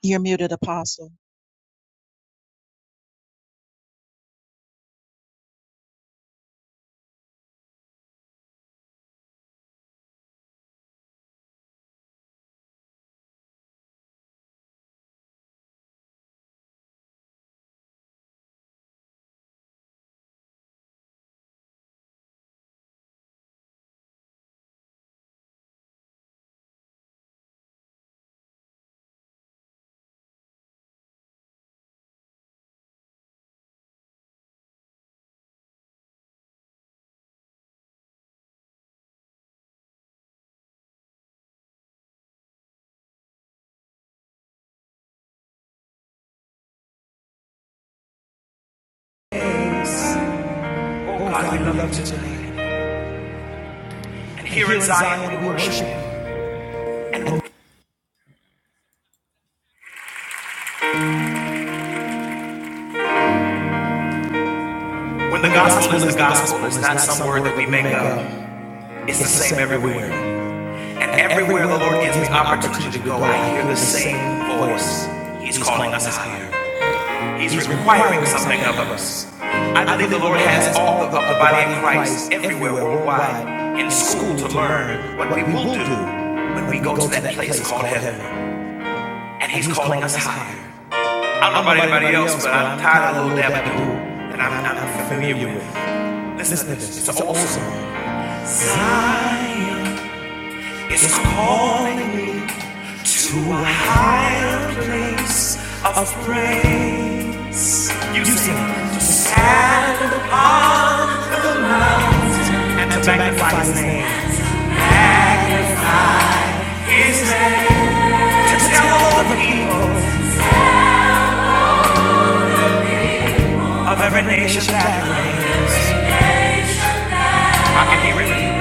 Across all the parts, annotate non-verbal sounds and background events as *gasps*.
You're muted, Apostle. Oh God, we love you today. And here in Zion, we worship you. When the gospel is the gospel, it's not some word that we make up. It's the same everywhere. And everywhere the Lord gives me opportunity to go, I hear the same voice. He's calling us higher. He's requiring something of us. I believe the Lord has all of the the body of Christ everywhere worldwide in school to learn what we will do when we go to that place called heaven. And He's calling us higher. I don't know about anybody else, but I'm tired of Lil Dabba Doo, and I'm not familiar with. Listen to this. It's an old song. Zion is calling me to a higher place of praise. You sing to stand and to magnify His name. His name to tell all the people of every nation that I can hear Him.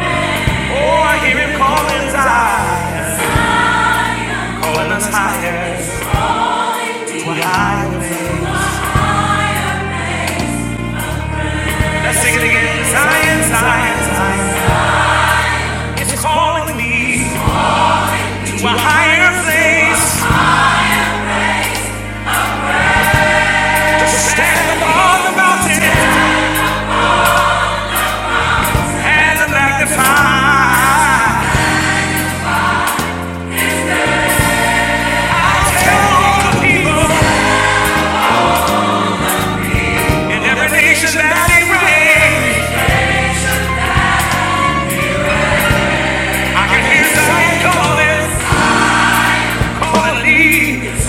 Oh, I hear Him calling Zion, calling us higher to a higher place. Sing it again. Science, science, science. It's calling me to a higher place. To stand upon the mountain and to magnify. Tell all the people in every nation that it rains. I can hear Zion calling, calling me.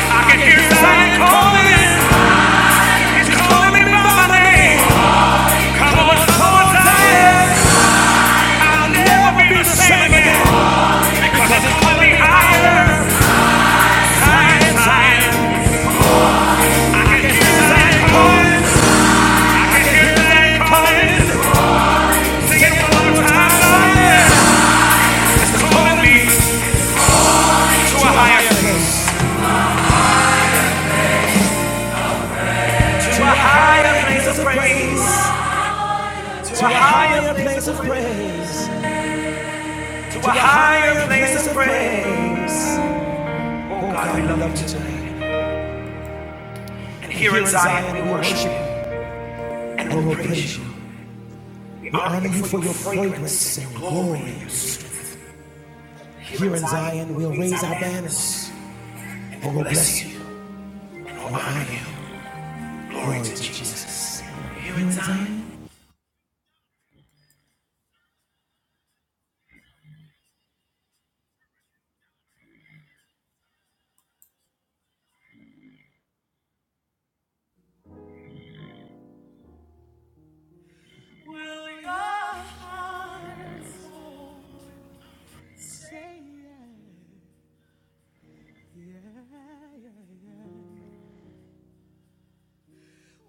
I can hear Zion calling. It's calling me by my name. Come on, come on, Zion. I'll never be the same again because it's calling me higher. To a higher place Oh And here and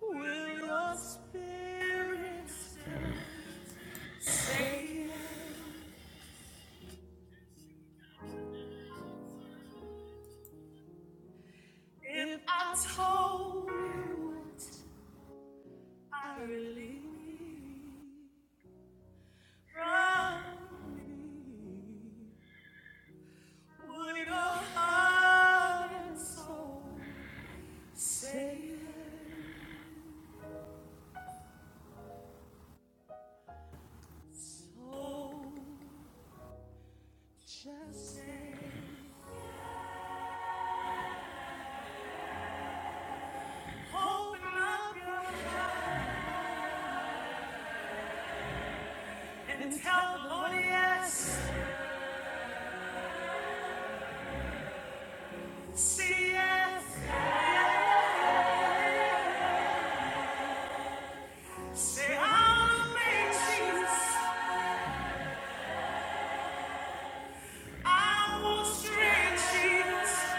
Will your spirit stay if I told Say, I'll make Jesus. I will stretch Jesus.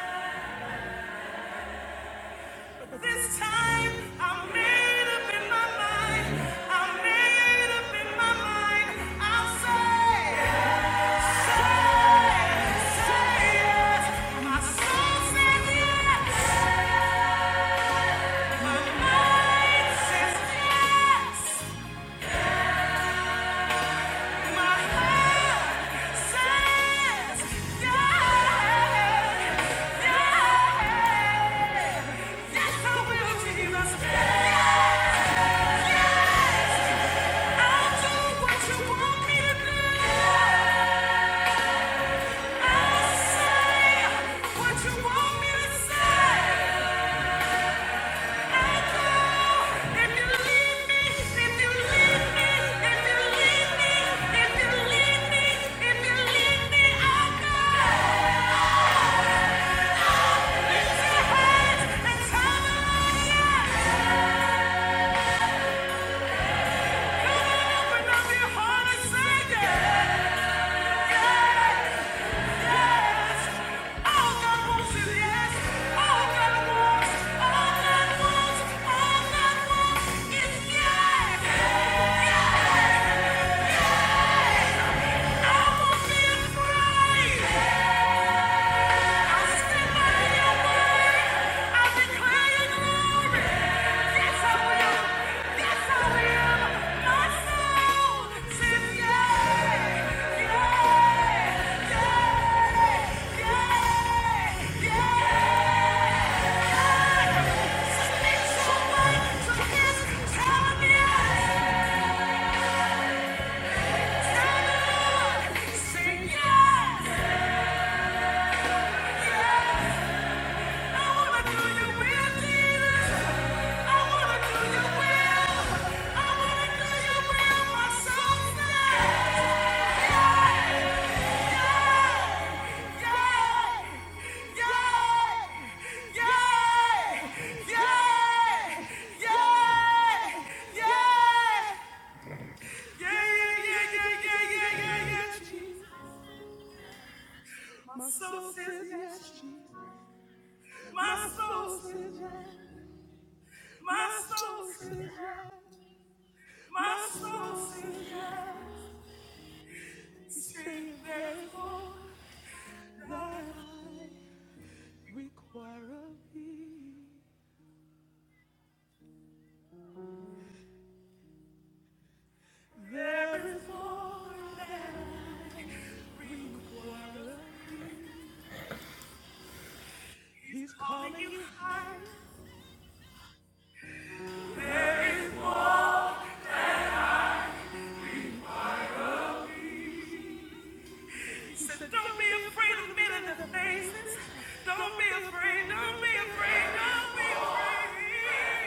This time I'm made up in my mind. I'm made up in my mind. I'll say, say, say yes. My soul says yes. My mind says yes. My heart says yes. Yes, yes I will, Jesus. Yes. Yeah! Yeah! Yeah! yeah, yeah, yeah, yeah. Yeah, yeah, yeah, yeah, yeah, yeah, yeah, yeah, Jesus. My soul says yes, Jesus. My soul says yes. My soul says yes. My soul says yes. Sing therefore thy life require of thee. There is more that require He's calling you high. He said, don't be afraid of men in the faces. Don't be afraid, don't be afraid, don't be afraid.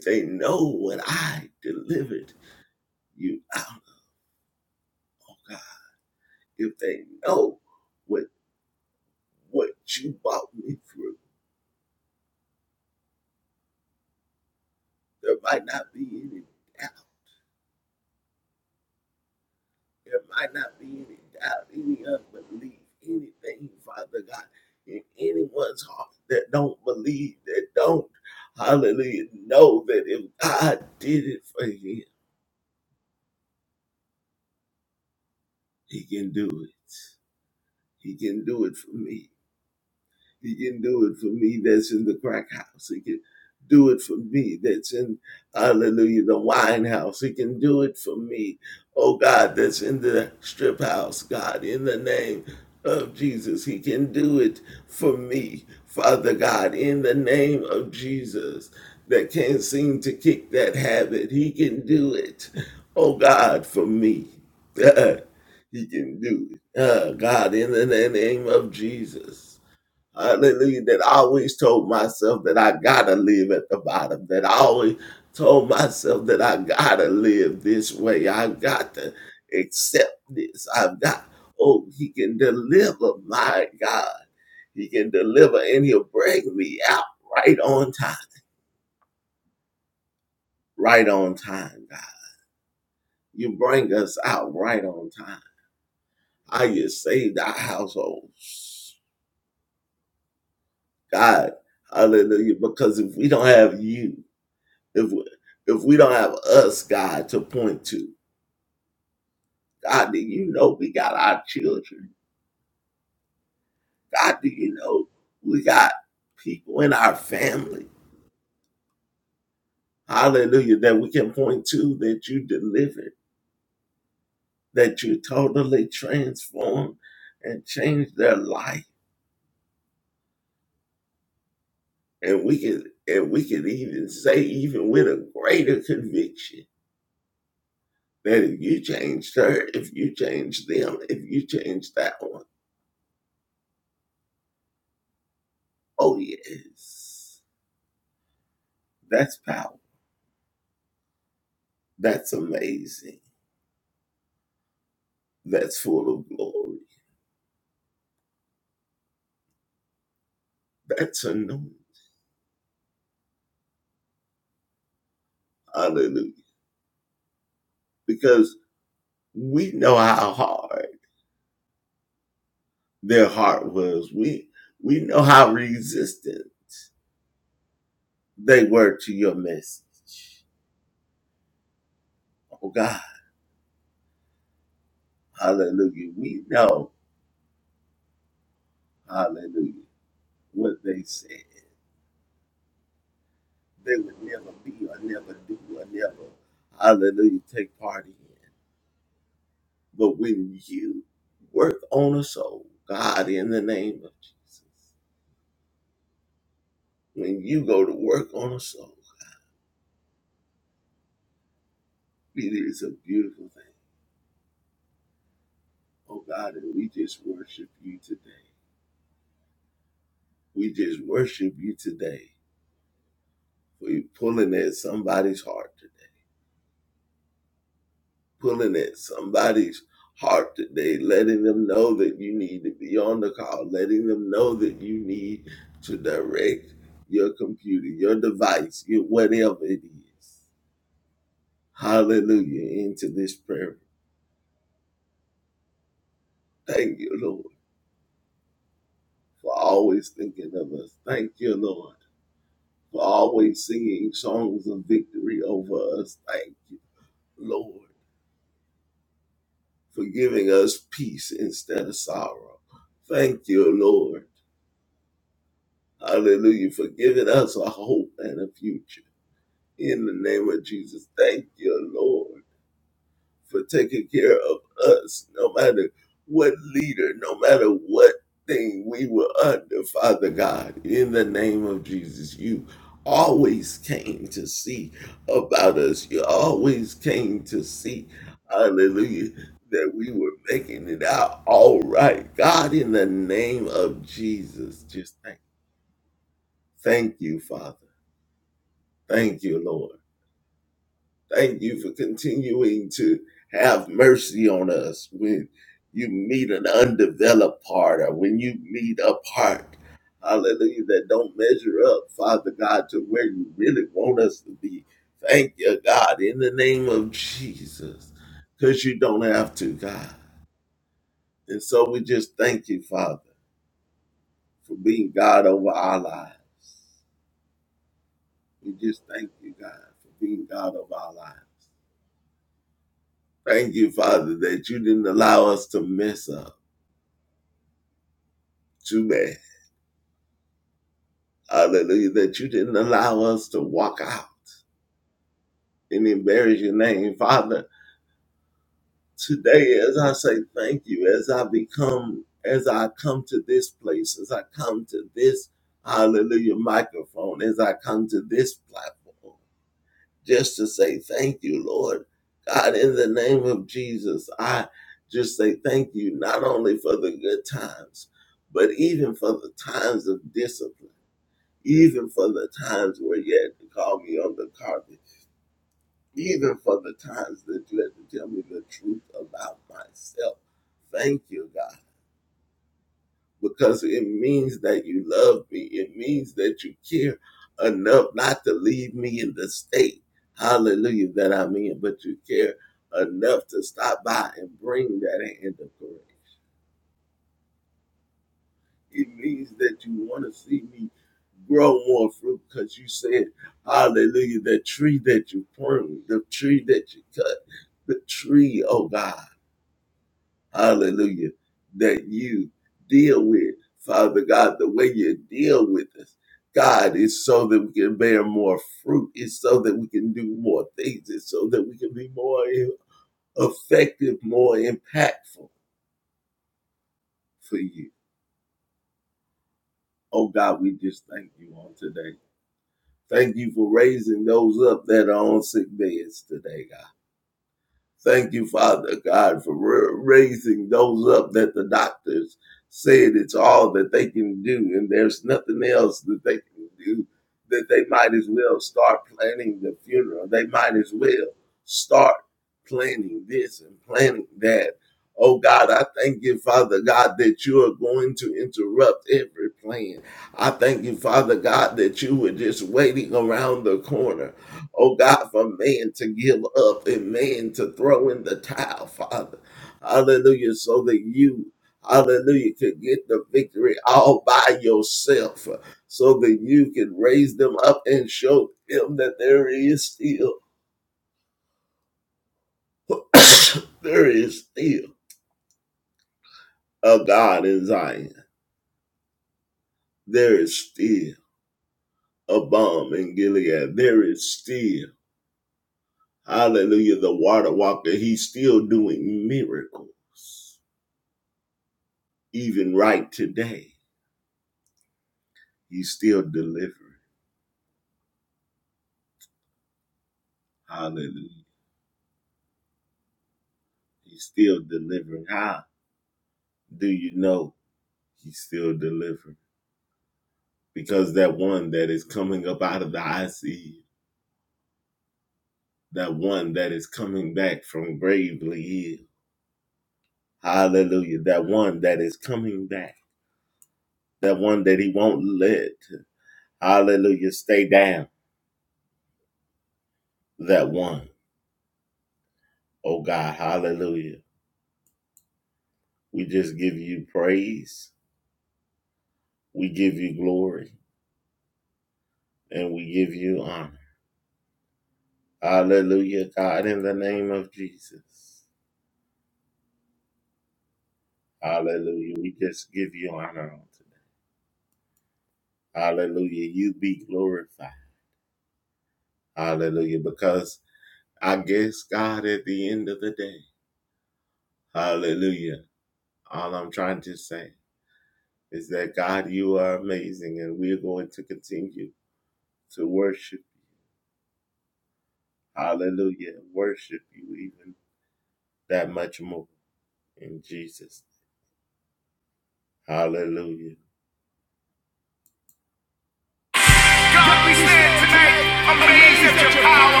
God, we stand tonight amazed at your power,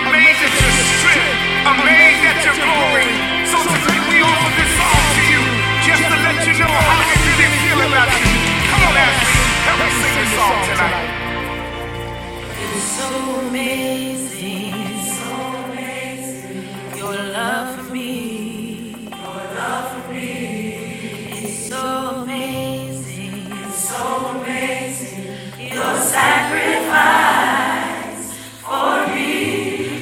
amazed at your strength, amazed at your glory. So tonight we offer this song to you just to let you know how we really feel about you. Come on, Ashley, help us sing this song tonight. So amazing, so amazing, your love for me is so amazing. so amazing.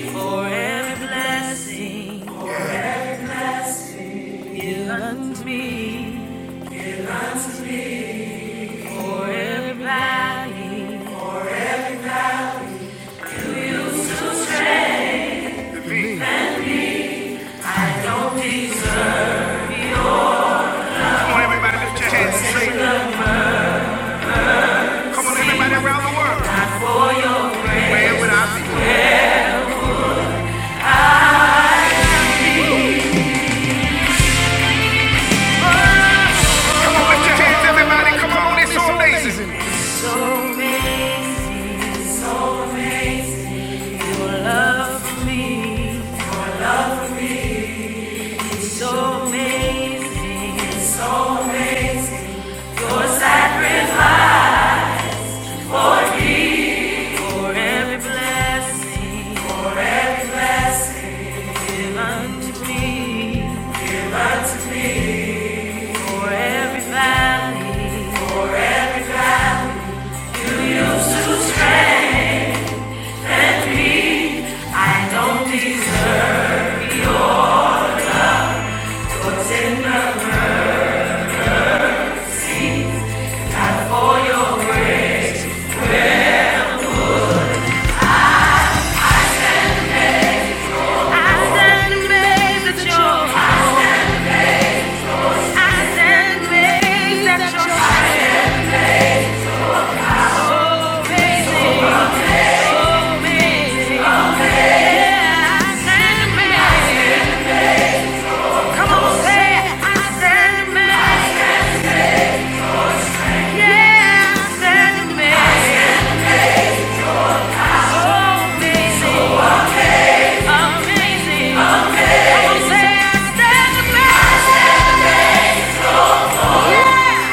Forever blessing you and me. Come on, everybody, lift your hands and Come on, everybody around the world. Come on, lift your hands, everybody. Come on, it's so amazing. So amazing, so amazing. Your love for me, your love for me so amazing, so amazing. Your sacrifice for every blessing, for every blessing given to me, given to me. For every valley, I stand amazed at your, I stand amazed at your amazing, amazing. Yeah, I stand amazed. Come on, say I stand amazed. Yeah, I stand amazed. Oh, amazing, amazing. Come on, say I stand amazed. Yeah,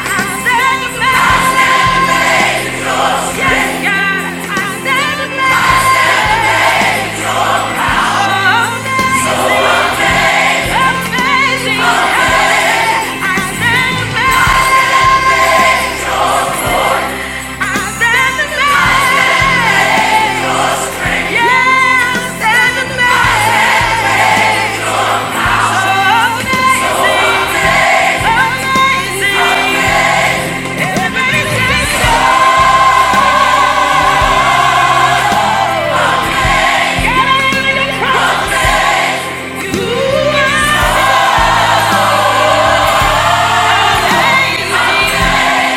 I stand amazed. Yeah.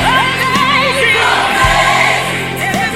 Amazing! Amazing!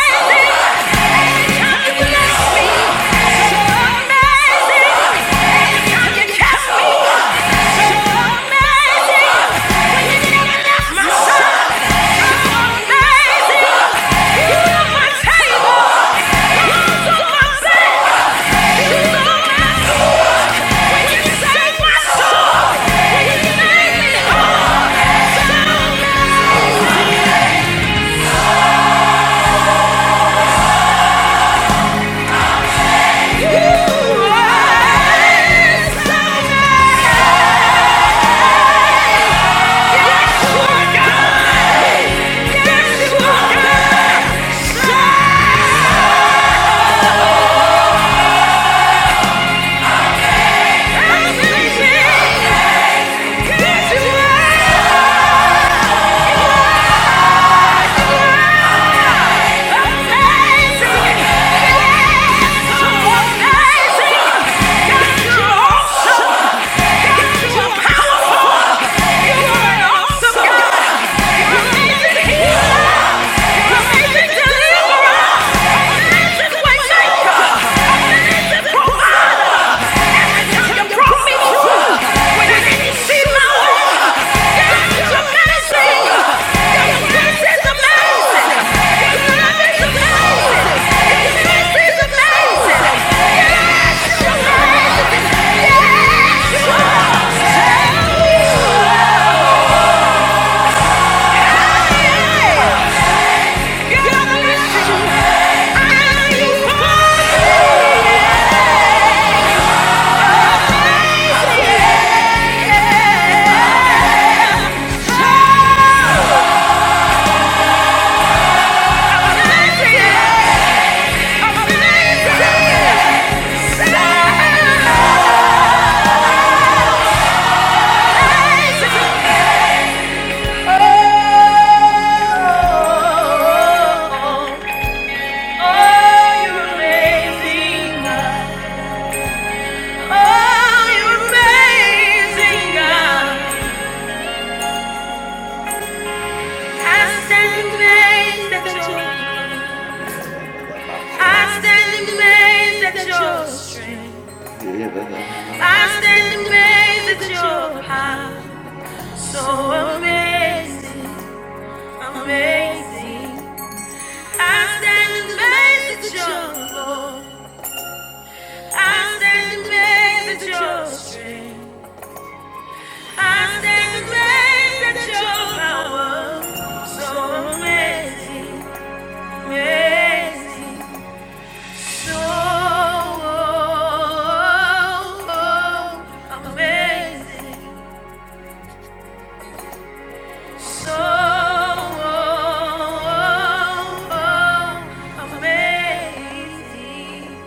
Amazing! Amazing! Yeah! Amazing, amazing, I stand amazed at your strength. I stand amazed at your power, so amazing, amazing, so amazing, so amazing.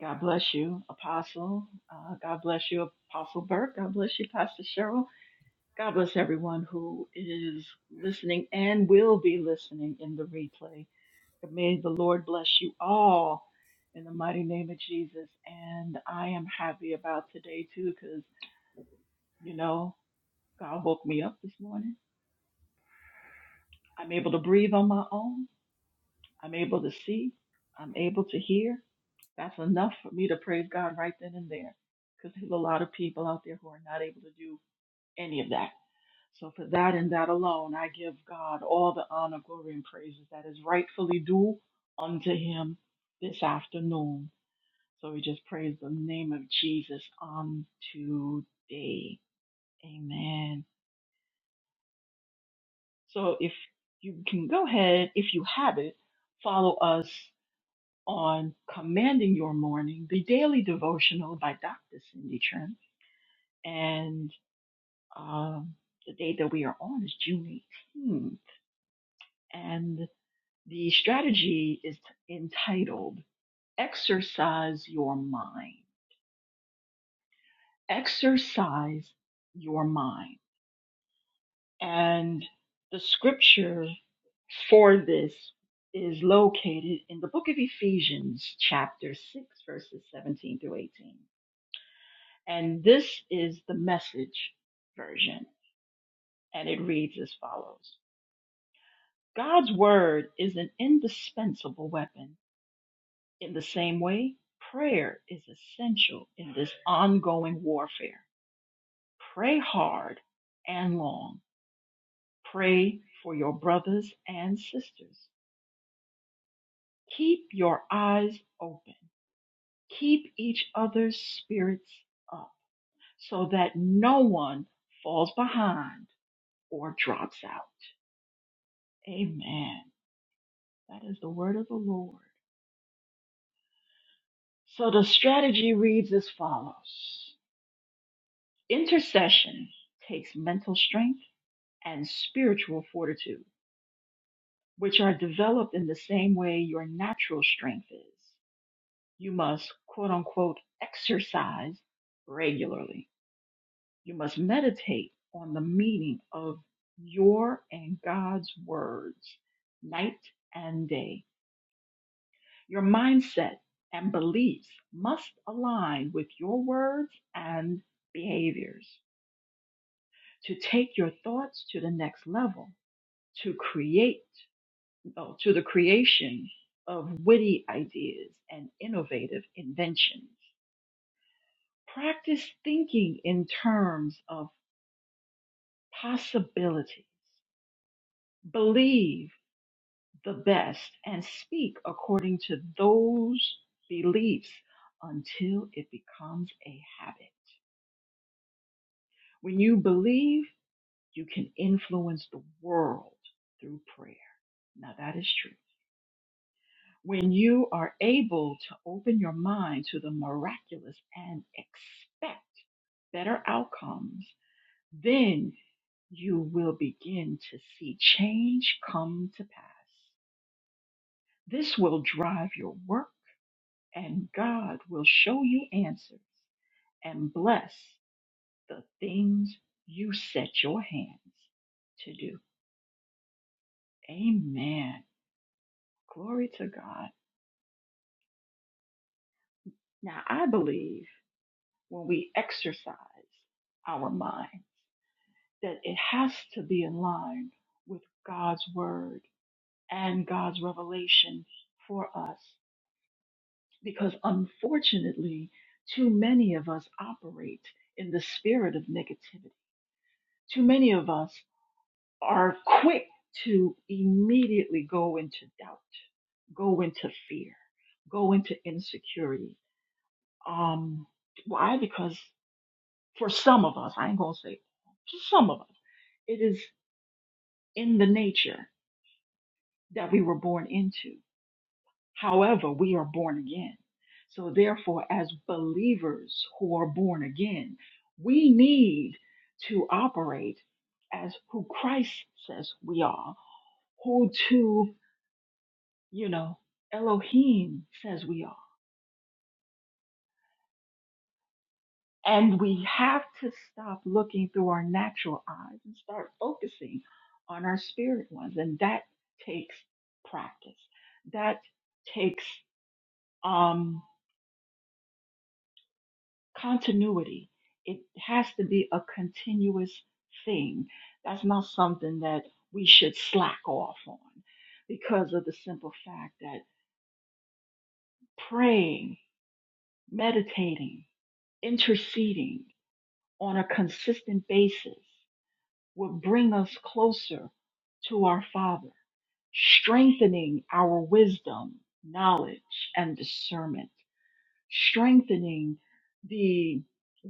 God bless you, Apostle. Uh, God bless you, Apostle Burke. God bless you, Pastor Cheryl. God bless everyone who is listening and will be listening in the replay. May the Lord bless you all in the mighty name of Jesus. And I am happy about today, too, because, you know, God woke me up this morning. I'm able to breathe on my own. I'm able to see. I'm able to hear. That's enough for me to praise God right then and there because there's a lot of people out there who are not able to do any of that. So for that and that alone, I give God all the honor, glory, and praises that is rightfully due unto him this afternoon. So we just praise the name of Jesus on today. Amen. So if you can go ahead, if you have it, follow us on Commanding Your Morning, the daily devotional by Dr. Cindy Trim and um, the date that we are on is June 18th. And the strategy is entitled Exercise Your Mind. Exercise Your Mind. And the scripture for this is located in the book of Ephesians, chapter 6, verses 17 through 18. And this is the message version. And it reads as follows God's word is an indispensable weapon. In the same way, prayer is essential in this ongoing warfare. Pray hard and long. Pray for your brothers and sisters. Keep your eyes open. Keep each other's spirits up so that no one falls behind or drops out. Amen. That is the word of the Lord. So the strategy reads as follows Intercession takes mental strength and spiritual fortitude, which are developed in the same way your natural strength is. You must, quote unquote, exercise regularly. You must meditate on the meaning of your and God's words night and day. Your mindset and beliefs must align with your words and behaviors to take your thoughts to the next level. to create, oh, to the creation of witty ideas and innovative inventions. Practice thinking in terms of possibilities. Believe the best and speak according to those beliefs until it becomes a habit. When you believe, you can influence the world through prayer. Now that is true. When you are able to open your mind to the miraculous and expect better outcomes, then you will begin to see change come to pass. This will drive your work, and God will show you answers and bless the things you set your hands to do. Amen. Glory to God. Now, I believe when we exercise our mind, that it has to be in line with God's word and God's revelation for us. Because unfortunately, too many of us operate in the spirit of negativity. Too many of us are quick to immediately go into doubt, go into fear, go into insecurity. Um, why? Because for some of us, I ain't gonna say all, for some of us, it is in the nature. that we were born into. However, we are born again. So, therefore, as believers who are born again, we need to operate as who Christ says we are, who to, you know, Elohim says we are. And we have to stop looking through our natural eyes and start focusing on our spirit ones. And that takes practice. That takes, um. continuity. It has to be a continuous thing. That's not something that we should slack off on because of the simple fact that praying, meditating, interceding on a consistent basis would bring us closer to our Father, strengthening our wisdom, knowledge, and discernment strengthening the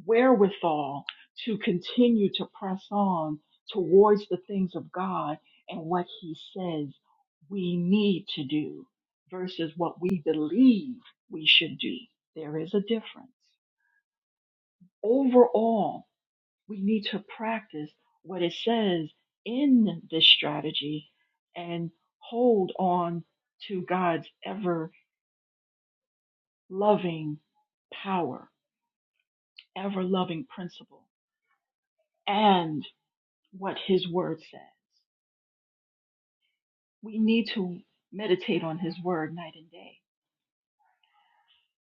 wherewithal to continue to press on towards the things of God and what He says we need to do versus what we believe we should do. There is a difference. Overall, we need to practice what it says in this strategy and hold on to God's ever loving power, ever loving principle and what his word said. We need to meditate on his word night and day.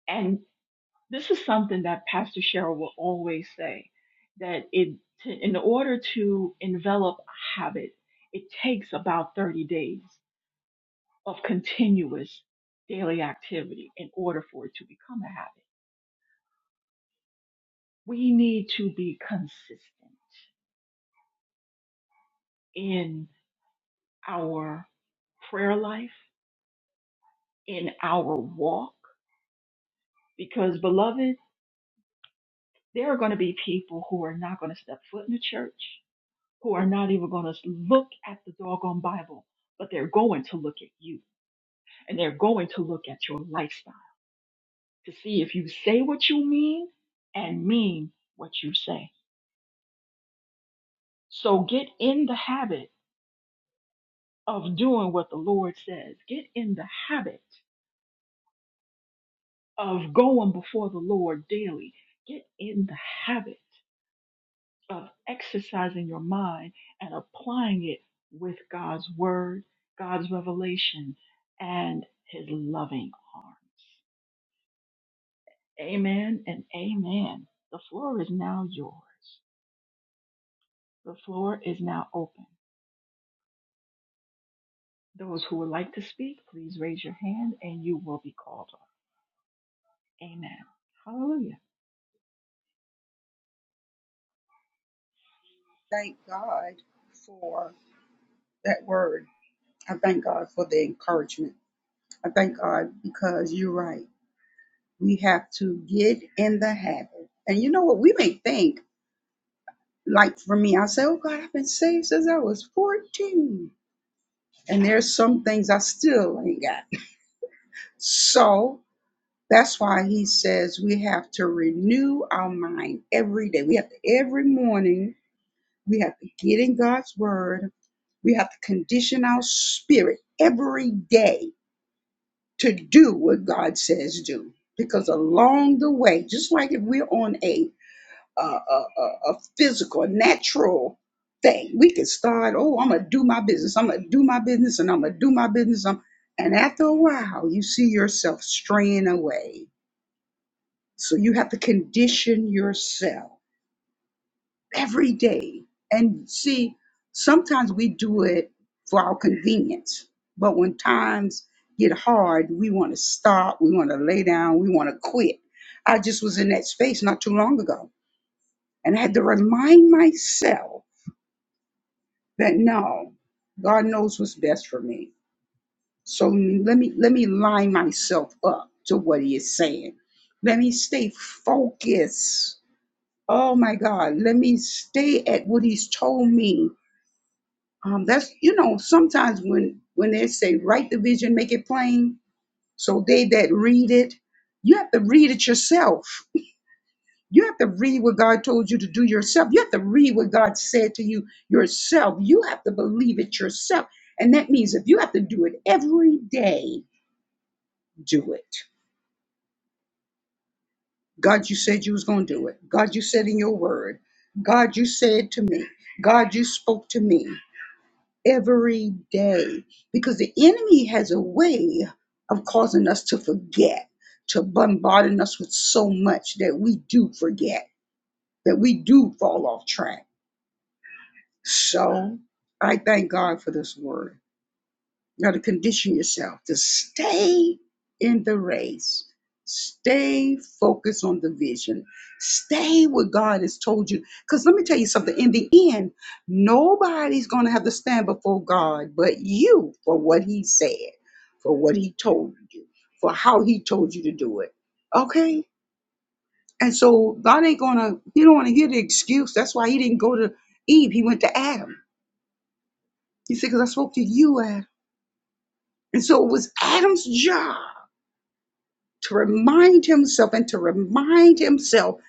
And this is something that Pastor Cheryl will always say that it to, in order to envelop a habit, it takes about 30 days of continuous daily activity in order for it to become a habit. We need to be consistent in our prayer life, in our walk, because beloved There are going to be people who are not going to step foot in the church, who are not even going to look at the doggone Bible, but they're going to look at you and they're going to look at your lifestyle to see if you say what you mean and mean what you say. So get in the habit of doing what the Lord says. Get in the habit of going before the Lord daily. Get in the habit of exercising your mind and applying it with God's word, God's revelation, and his loving arms. Amen and amen. The floor is now yours. The floor is now open. Those who would like to speak, please raise your hand and you will be called on. Amen. Hallelujah. thank God for that word. I thank God for the encouragement. I thank God because you're right. We have to get in the habit. And you know what? We may think, like for me, I say, oh God, I've been saved since I was 14. And there's some things I still ain't got. So that's why he says we have to renew our mind every day. We have to, every morning, we have to get in God's word We have to condition our spirit every day to do what God says do. Because along the way, just like if we're on a a, a, a physical, a natural thing, we can start, oh, I'm gonna do my business, I'm gonna do my business, and I'm gonna do my business. I'm, and after a while, you see yourself straying away. So you have to condition yourself every day. And see, sometimes we do it for our convenience, but when times get hard, we want to stop, we want to lay down, we want to quit. I just was in that space not too long ago, and I had to remind myself that no, God knows what's best for me. So let me let me line myself up to what He is saying. Let me stay focused. Oh my God, let me stay at what He's told me Um, that's you know sometimes when when they say write the vision, make it plain, so they that read it, you have to read it yourself. You have to read what God told you to do yourself. You have to read what God said to you yourself. You have to believe it yourself, and that means if you have to do it every day, do it. God, you said you was going to do it. God, you said in your word. God, you said to me. God, you spoke to me. every day because the enemy has a way of causing us to forget, to bombarding us with so much that we do forget, that we do fall off track. So I thank God for this word. You got to condition yourself to stay in the race, stay focused on the vision, stay what God has told you. Because let me tell you something in the end, nobody's going to have to stand before God but you for what He said, for what He told you, for how He told you to do it. Okay? And so God ain't going to, He don't want to hear the excuse. That's why He didn't go to Eve, He went to Adam. He said, Because I spoke to you, Adam. And so it was Adam's job to remind himself and to remind himself,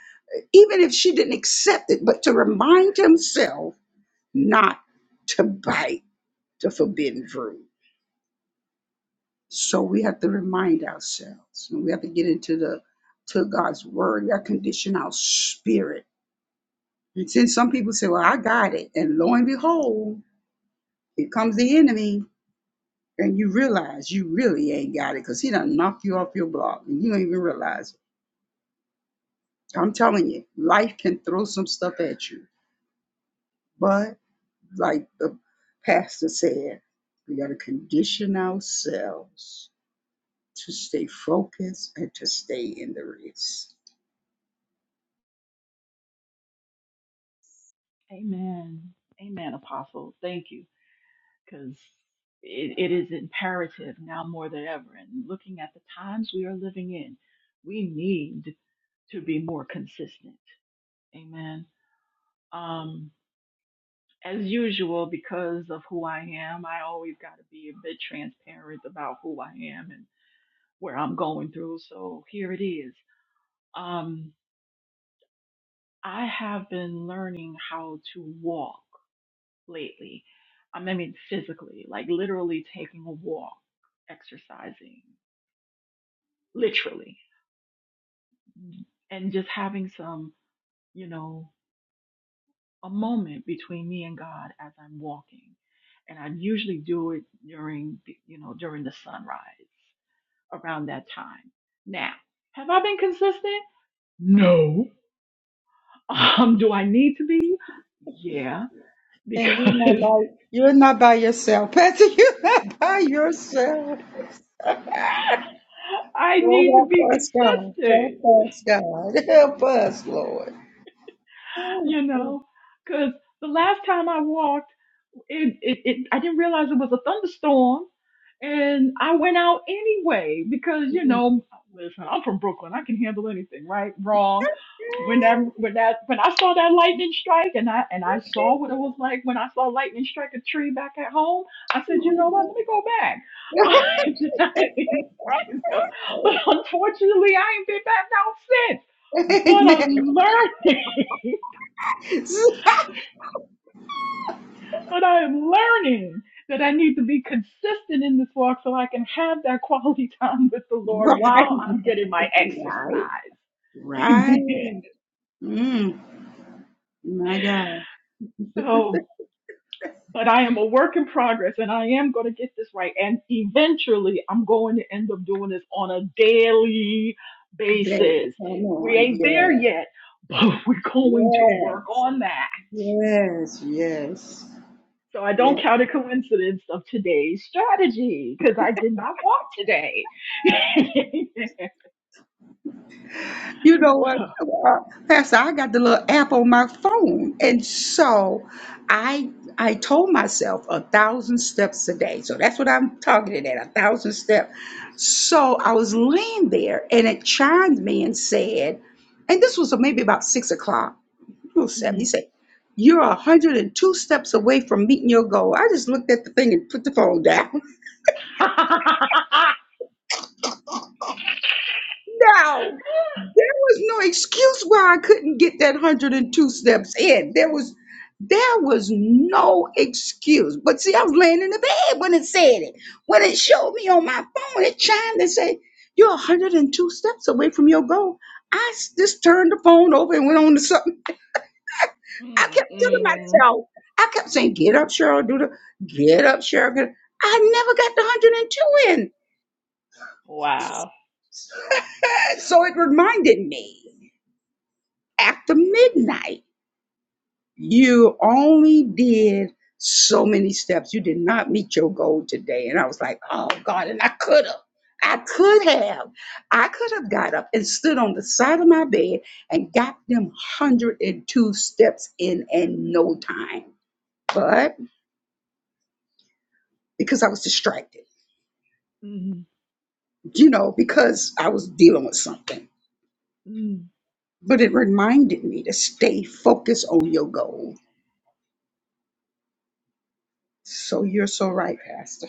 even if she didn't accept it, but to remind himself not to bite the forbidden fruit. So we have to remind ourselves, and we have to get into the to God's word. We have to condition our spirit. And since some people say, "Well, I got it," and lo and behold, here comes the enemy, and you realize you really ain't got it because he done knocked you off your block, and you don't even realize it. I'm telling you, life can throw some stuff at you But like the pastor said, we got to condition ourselves to stay focused and to stay in the race. Amen. Amen, Apostle. Thank you. because it, it is imperative now more than ever. And looking at the times we are living in, we need to be more consistent. Amen. Um, as usual, because of who I am, I always got to be a bit transparent about who I am and where I'm going through. So here it is. Um, I have been learning how to walk lately. I mean, physically, like literally taking a walk, exercising, literally and just having some, you know, a moment between me and God as I'm walking. And I usually do it during, you know, during the sunrise around that time. Now, have I been consistent? No. Um, do I need to be? Yeah, And you're not because by you're not by yourself, Pastor. *laughs* You're not by yourself. *laughs* *laughs* I need to Oh, be help us, God. consistent, Help us, God. *laughs* Help us, Lord. Help you know, because the last time I walked, it, it, it I didn't realize it was a thunderstorm, and I went out anyway because you know, listen, I'm from Brooklyn. I can handle anything, right? Wrong. When that when that when I saw that lightning strike, and I and I saw what it was like when I saw lightning strike a tree back at home, I said, you know what? Let me go back. *laughs* I didn't, you know, but us. unfortunately, I ain't been back out since. *laughs* But I'm Amen. learning. *laughs* But I am learning that I need to be consistent in this walk so I can have that quality *laughs* time with the *laughs* Lord Right. while I'm getting my exercise. Right. *laughs* Amen. Right. Mm. My God. So, but I am a work in progress and I am going to get this right. And eventually I'm going to end up doing this on a daily Babe, basis. come We ain't there on. yet, but *laughs* we're Yes. going to work Yes. on that. Yes. Yes. So I Yes. don't count a coincidence of today's strategy because I did not walk today. *laughs* You know what, Mhm. uh, Pastor? I got the little app on my phone, and so I I told myself a thousand steps a day. So that's what I'm targeted at, a thousand steps. So I was laying there, and it chimed me and said, and this was maybe about six o'clock. little step. He said, You're 102 steps away from meeting your goal. I just looked at the thing and put the phone down. *laughs* *laughs* No, there was no excuse why I couldn't get that 102 steps in. There was there was no excuse. But see, I was laying in the bed when it said it. When it showed me on my phone, it chimed and said, You're 102 steps away from your goal. I s- just turned the phone over and went on to something I kept telling Mm-mm. myself, I kept saying, get up, Cheryl, do the, get up, Cheryl. Get up. I never got the 102 in. Wow. Uh, So it reminded me after midnight, you only did so many steps. You did not meet your goal today. And I was like, oh God, and I could have. I could have. I could have got up and stood on the side of my bed and got them 102 steps in in no time. But because I was distracted. Mhm. you know, because I was dealing with something. Mhm. But it reminded me to stay focused on your goal. So you're so right, Pastor.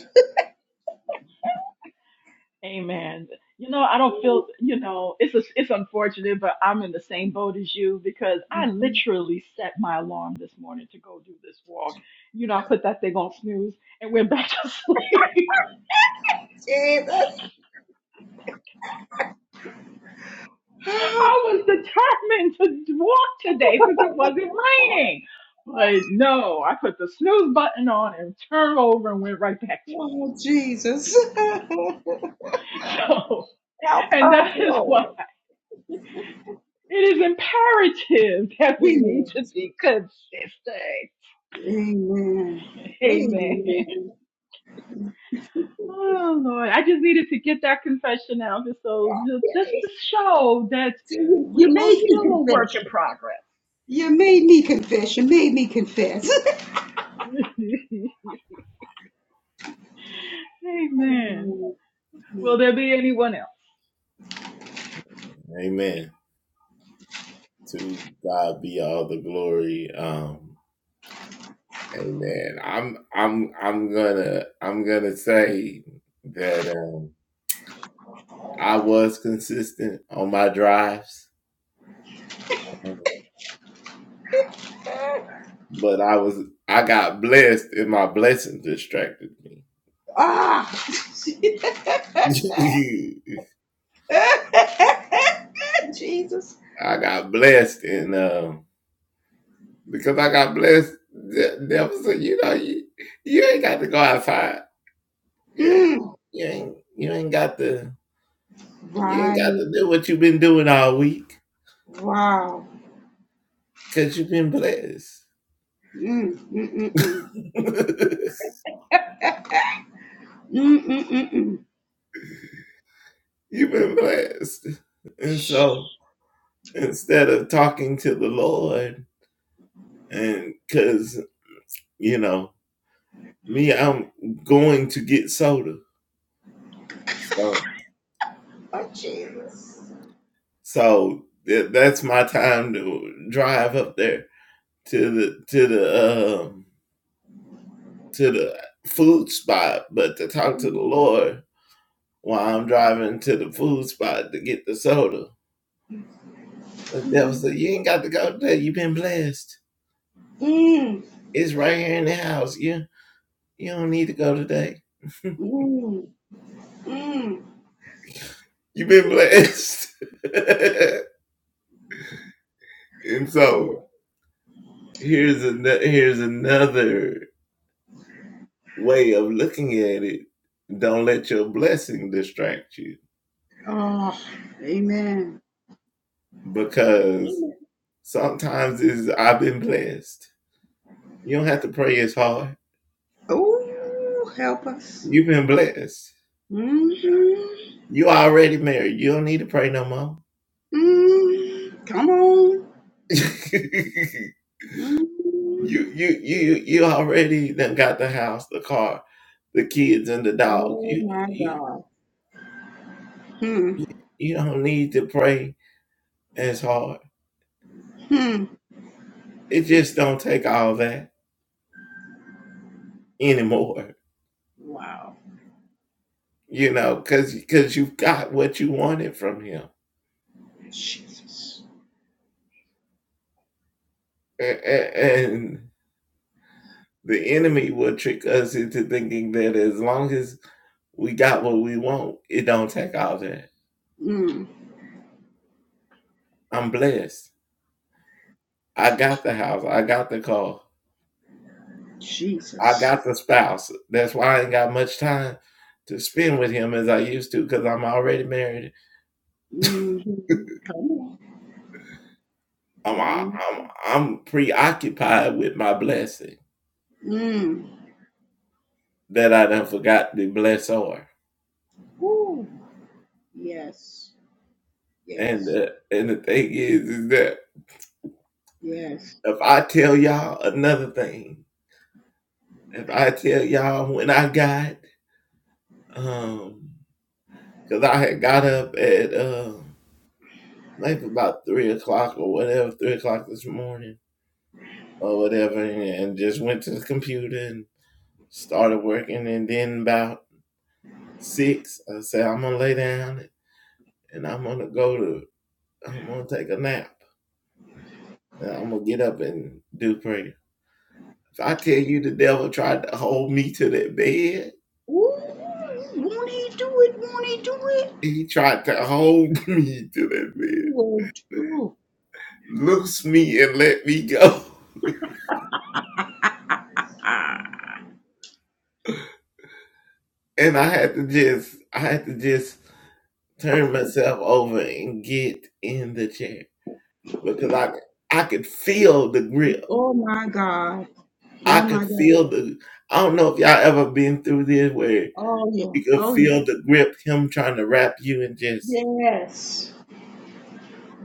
Amen. You know, I don't feel, you know, it's a, it's unfortunate, but I'm in the same boat as you because I literally set my alarm this morning to go do this walk. You know, I put that thing on snooze and went back to *laughs* sleep. Jesus. *gasps* I was determined to walk today since it wasn't raining. But no, I put the snooze button on and turned over and went right back to sleep. Oh, Jesus. *laughs* Help *laughs* So, us, and that is why Lord. it is imperative that we need to Yes. be consistent. Amen. Amen. Amen. Oh Lord, I just needed to get that confession out, just so just just to Yay. show that See, You you we are made me still a work confess. in progress. You made me confess. You made me confess. *laughs* Amen. *laughs* Will there be anyone else? ah. *laughs* *laughs* Jesus. Mm. Right. Wow. Mm, mm, mm, mm. *laughs* Mm, mm, mm, mm. Oh, Jesus. Mm, mm, mm. Oh, amen. Amen. Oh, help us. Mm-hmm. Mm, come on. Mm. Oh, my God. Hmm. Hmm. Wow. Jesus. Mm. Jesus. Mm-hmm. Come on. Mm-hmm. Ooh. Yes. Yes. Yes. Ooh. Won't he do it? Won't he do it? He will do. *laughs* yeah. Oh my God. Oh my God. Oh yeah. Oh yeah. Yes.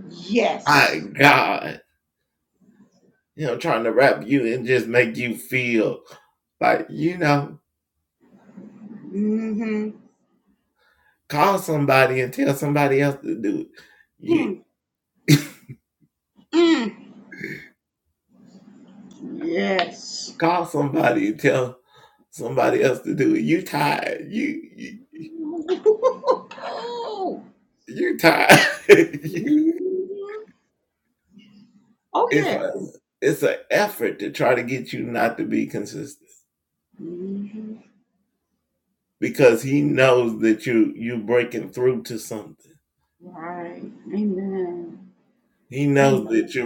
Yes. Mm-hmm. Mm. Mm. Yes. *laughs* Oh, Mhm. Oh yeah. Mhm. Right. Amen. Amen.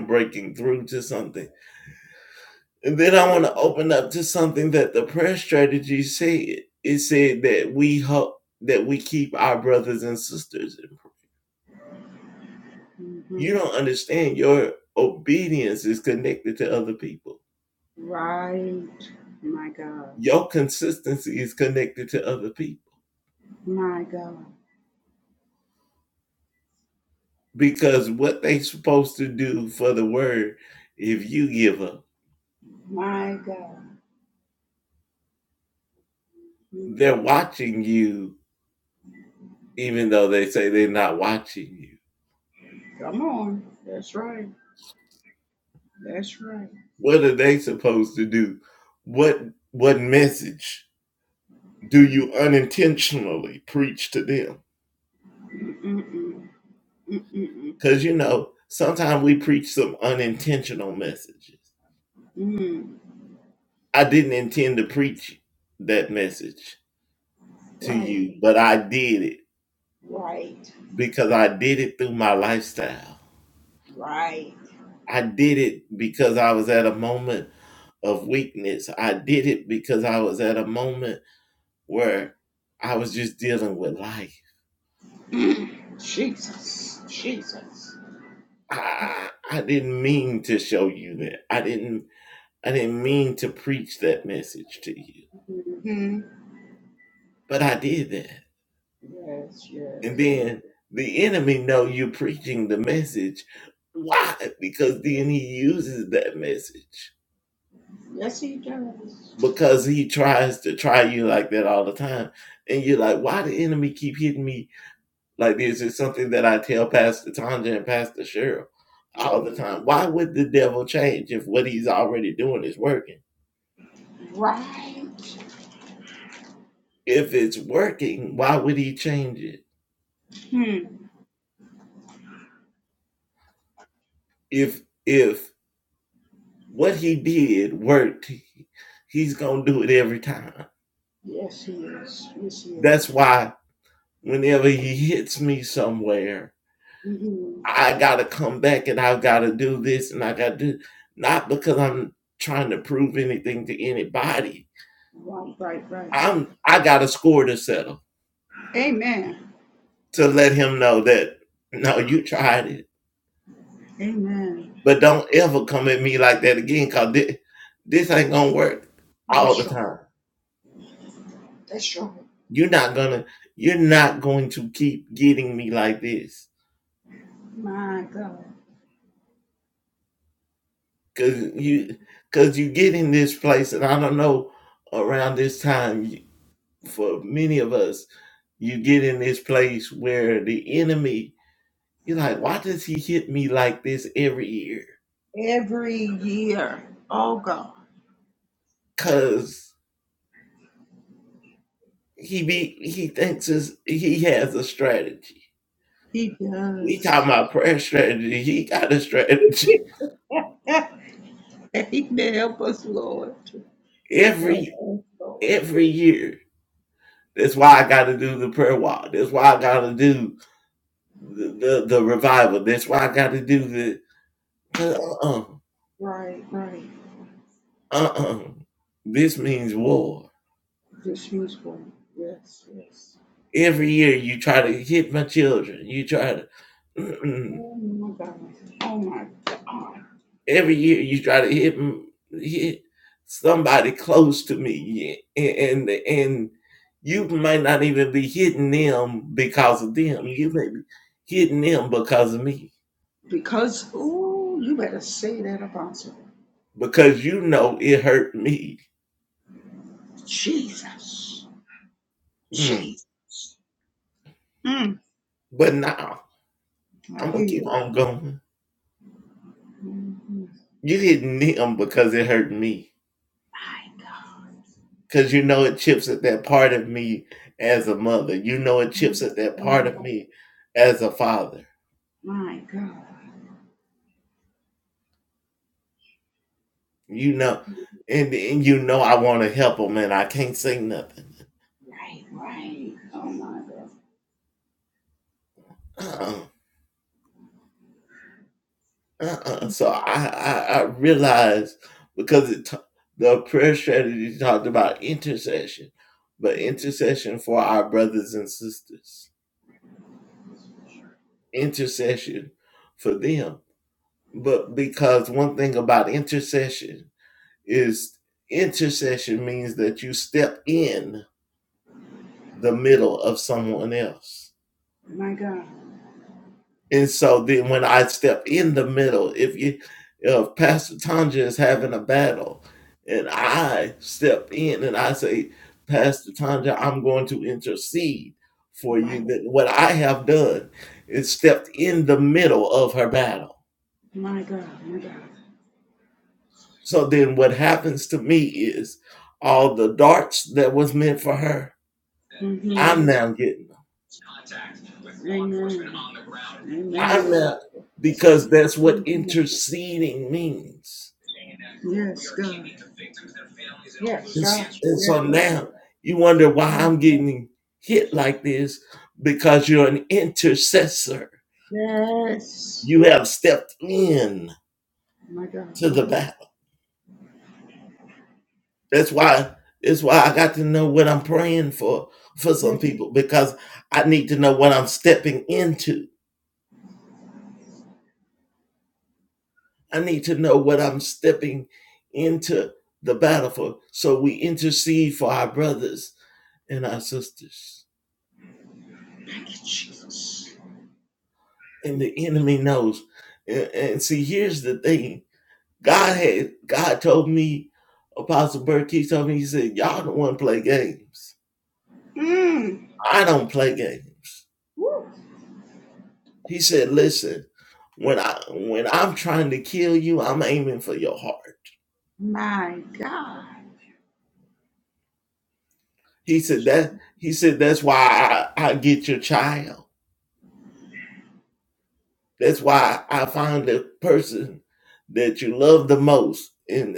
Mhm. Right. My God. My God. My God. Mm. Come on. That's right. That's right. Mm-mm. Mm-mm. Mm. Right. Right. Right. *clears throat* Mm. Jesus. Jesus. hmm Yes, yes, yes. Yes, he does. Mhm. Right. Hmm. Yes, he is. Yes, he is. hmm Right, right, right. Amen. Amen. That's true. That's true. My God. Every year. Oh, God. He does. *laughs* Amen. Help us, Lord. Help us, Lord. Right, right. Just use Yes, yes. Oh my God. Oh my God. Because, oh, you better say that, Apostle. Jesus. Jesus. Mm. I hear you. Mhm. My God. Oh, my God. Right, right. Oh, my God. My God. Right. My God. My God. Mm-hmm. Amen. Amen. hmm Yes, God. Yes, God. Yes. Yes. yes. My God. My God. Yes. Thank you, Jesus. Mm. Woo. My God.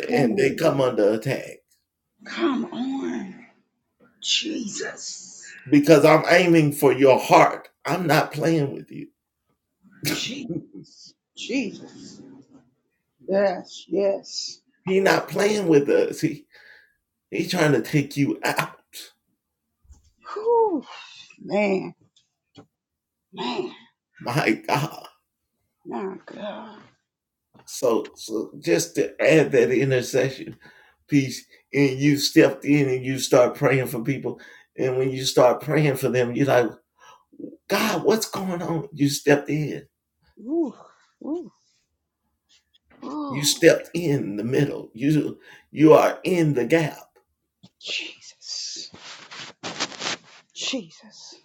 Come on. Come on. Jesus. Jesus. Jesus. Yes, yes. Whew. Man, man. My God. Ooh, ooh, ooh. Jesus. Jesus.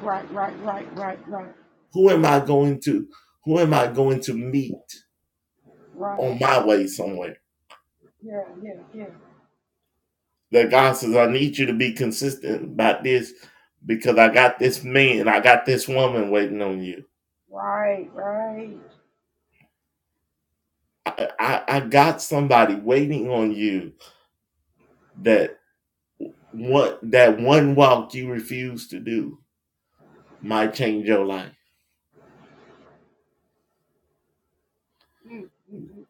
Right, right, right, right, right, right. Yeah, yeah, yeah. Right, right. Mm, mm, mm.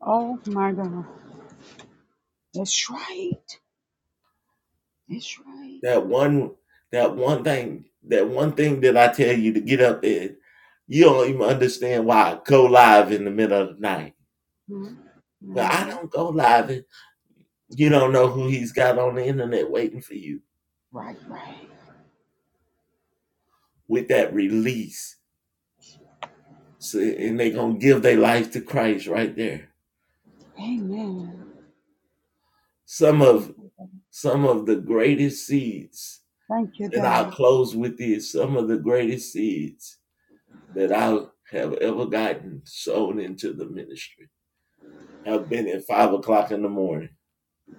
Oh my God. That's right. That's right. Mm-hmm. Mm-hmm. Right, right. Amen. Thank you, God. Thank you, God.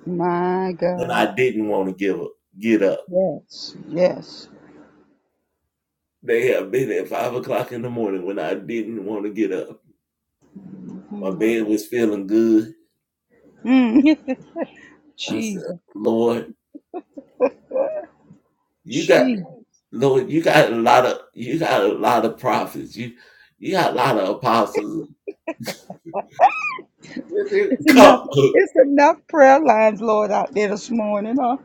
My God. Yes. Yes. Mm. Mm. *laughs* Jesus. Jesus. It's enough. It's enough prayer lines, Lord, out there this morning. Huh?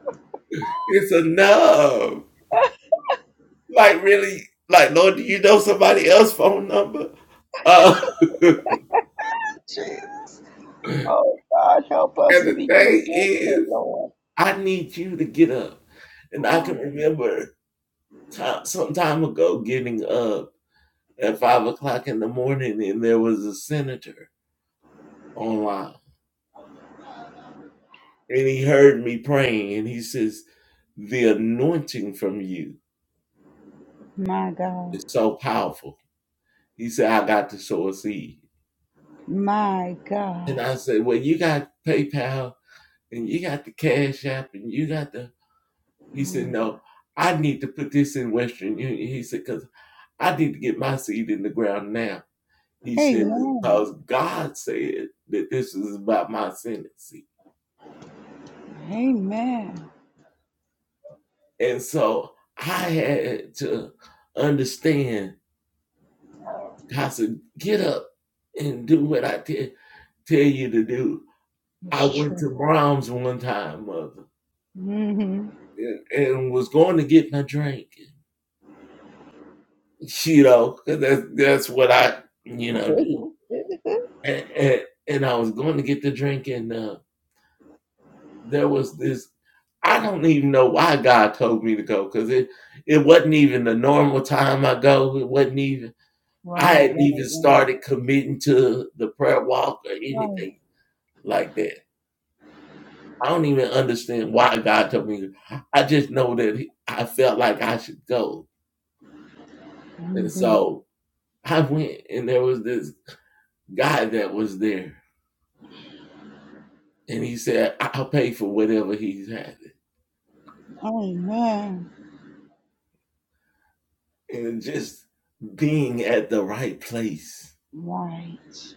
*laughs* Jesus. Oh, God, help us to be consistent, Lord. Oh, my God. My God. Amen. Amen. It's true. hmm *laughs* right, right, right. Right. Mhm. Amen. Right.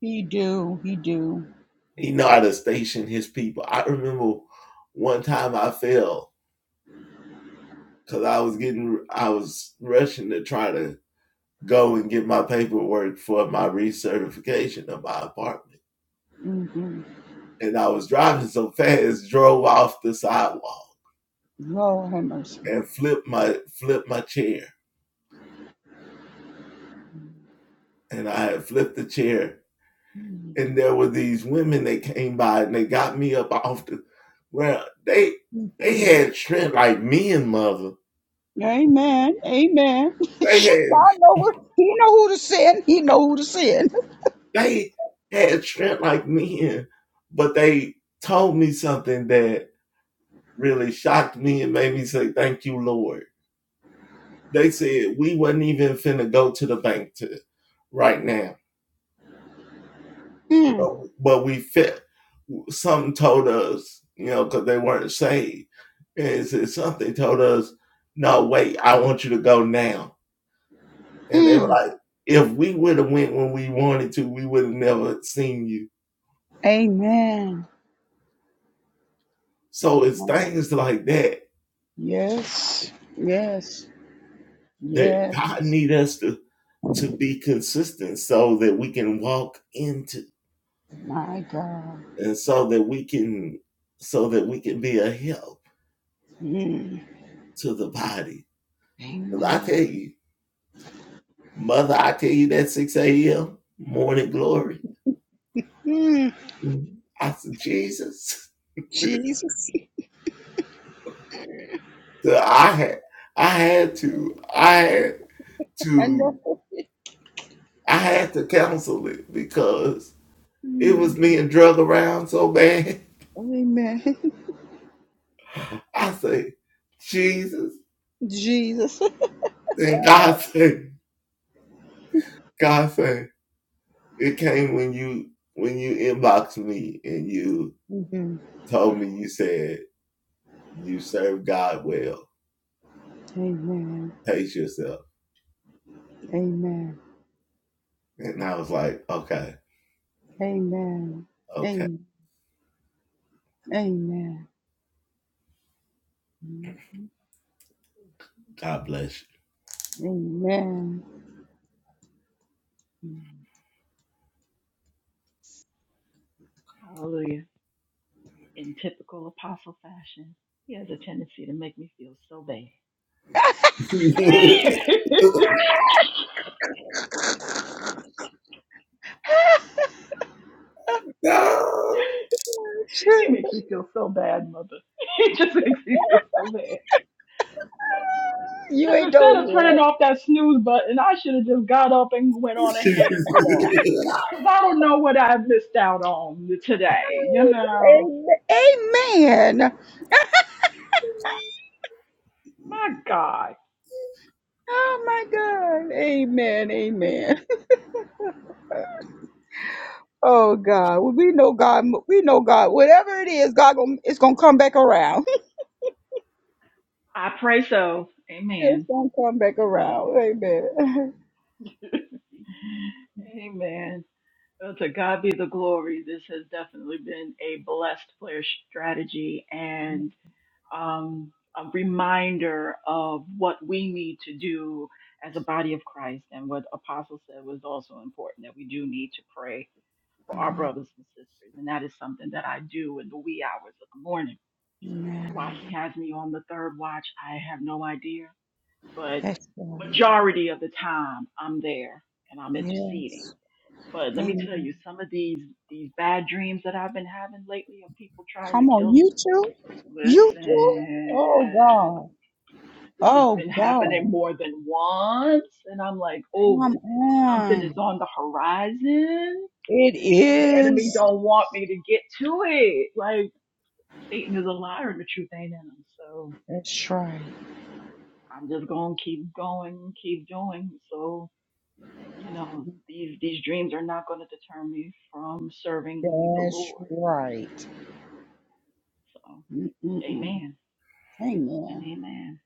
He do. He do. Mm-hmm. Lord have mercy. Mhm. Amen. Amen. *laughs* God know what, He know who to send. He know who to send. Mm, mm. Amen. Mm. Yes. Yes. Yes. My God. Mm. Amen. Mm. Jesus. *laughs* I know. Mm. Amen. *laughs* Jesus. Mhm. Amen. Amen. Amen. Amen. Amen. Amen. Hallelujah. In typical apostle fashion, he has a tendency to make me feel so bad. *laughs* He *laughs* makes me feel so bad, mother. *laughs* He just makes me feel so bad. You Because ain't instead of turning doing off that snooze button, I should have just got up and went on ahead and walked. Because I don't know what I missed out on today, you know. it. Amen. Amen. My God. Oh my God. Amen. Amen. Oh God. Well, we know God. We know God. Whatever it is, God gonna it's gonna come back around. *laughs* I pray so. It's Amen. gonna come back around. Amen. *laughs* Amen. Well, to God be the glory. This has definitely been a blessed player strategy. um, a reminder of what we need to do as a body of Christ. And what Apostle said was also important that we do need to pray for our brothers and sisters. And that is something that I do in the wee hours of the morning. Amen. Why he has me on the third watch, I have no idea. But That's right. majority of the time, I'm there and I'm interceding. Yes. But let me tell Amen. you, some of these these bad dreams that I've been having lately of people trying to Come on, kill you me. too? You too? Oh Listen. God. This has Oh been happening God. more than once. And I'm like, oh, Come something is on. on the horizon It and the enemy is. don't want me to get to it. Like Satan is a liar and the truth ain't in him. So That's right. I'm just going to keep going, keep doing. So, you know, these, these dreams are not going to deter me from serving the That's Lord. right. So Mm-mm-mm. amen and Amen. amen.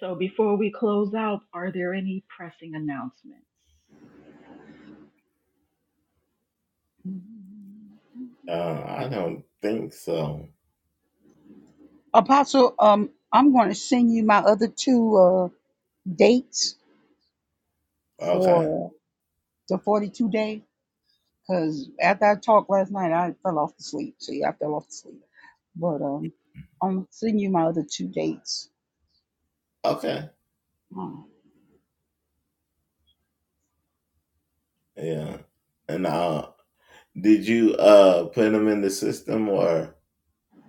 So before we close out, are there any pressing announcements? Apostle, um, I'm going to send you my other two uh, dates for the 42 day. Because after I talked last night, I fell off to sleep. See, I fell off to sleep. But um, I'm sending you my other two dates. Hmm.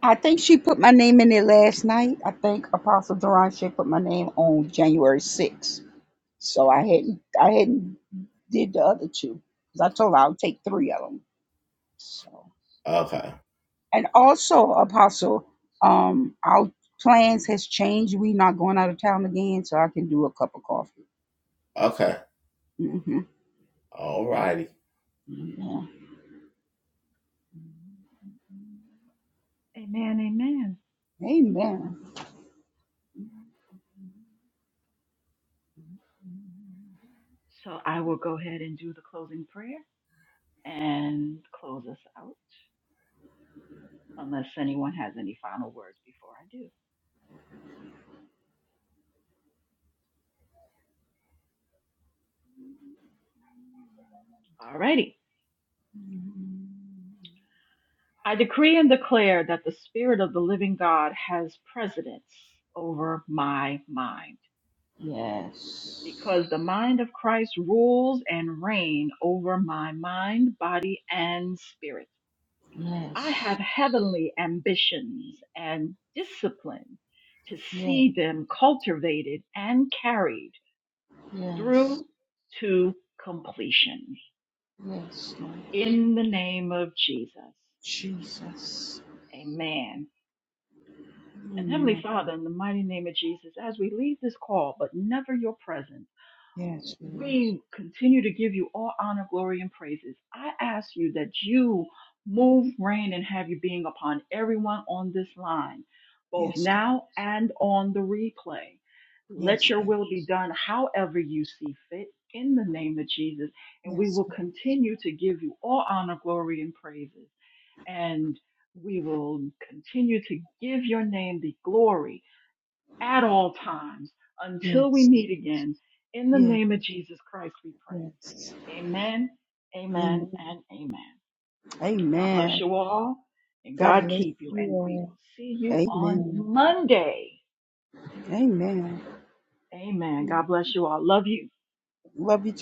I think she put my name in there last night. I think Apostle Duran she put my name on January 6th. So I hadn't I hadn't did the other two 'cause I told her I'll take three of them. So and also Apostle, um, our plans has changed. We not going out of town again, so I can do a cup of coffee. hmm Yeah. Amen, amen. Amen. So I will go ahead and do the closing prayer and close us out, unless anyone has any final words before I do. Alrighty. I decree and declare that the Spirit of the living God has precedence over my mind, Yes. because the mind of Christ rules and reigns over my mind, body, and spirit. I Yes. have heavenly ambitions and discipline to Yes. see them cultivated and carried Yes. through to completion. Yes. Lord. In the name of Jesus. Jesus. Amen. And Heavenly Amen. Father, in the mighty name of Jesus, as we leave this call, but never your presence. Yes, Lord. we continue to give you all honor, glory, and praises. I ask you that you move, reign, and have your being upon everyone on this line, both Yes, God. now and on the replay. Let Yes, your God. will be done however you see fit in the name of Jesus. And we Yes, will God. continue to give you all honor, glory, and praises. And we will continue to give your name the glory at all times until we Yes. meet again. In the Yes. name of Jesus Christ, we pray. Yes. Amen, amen, Amen. and amen. God bless Amen. you all, and God God bless keep you. you And we all. will see you on Amen. Monday. Amen. Amen. God bless you all. Love you. Love you.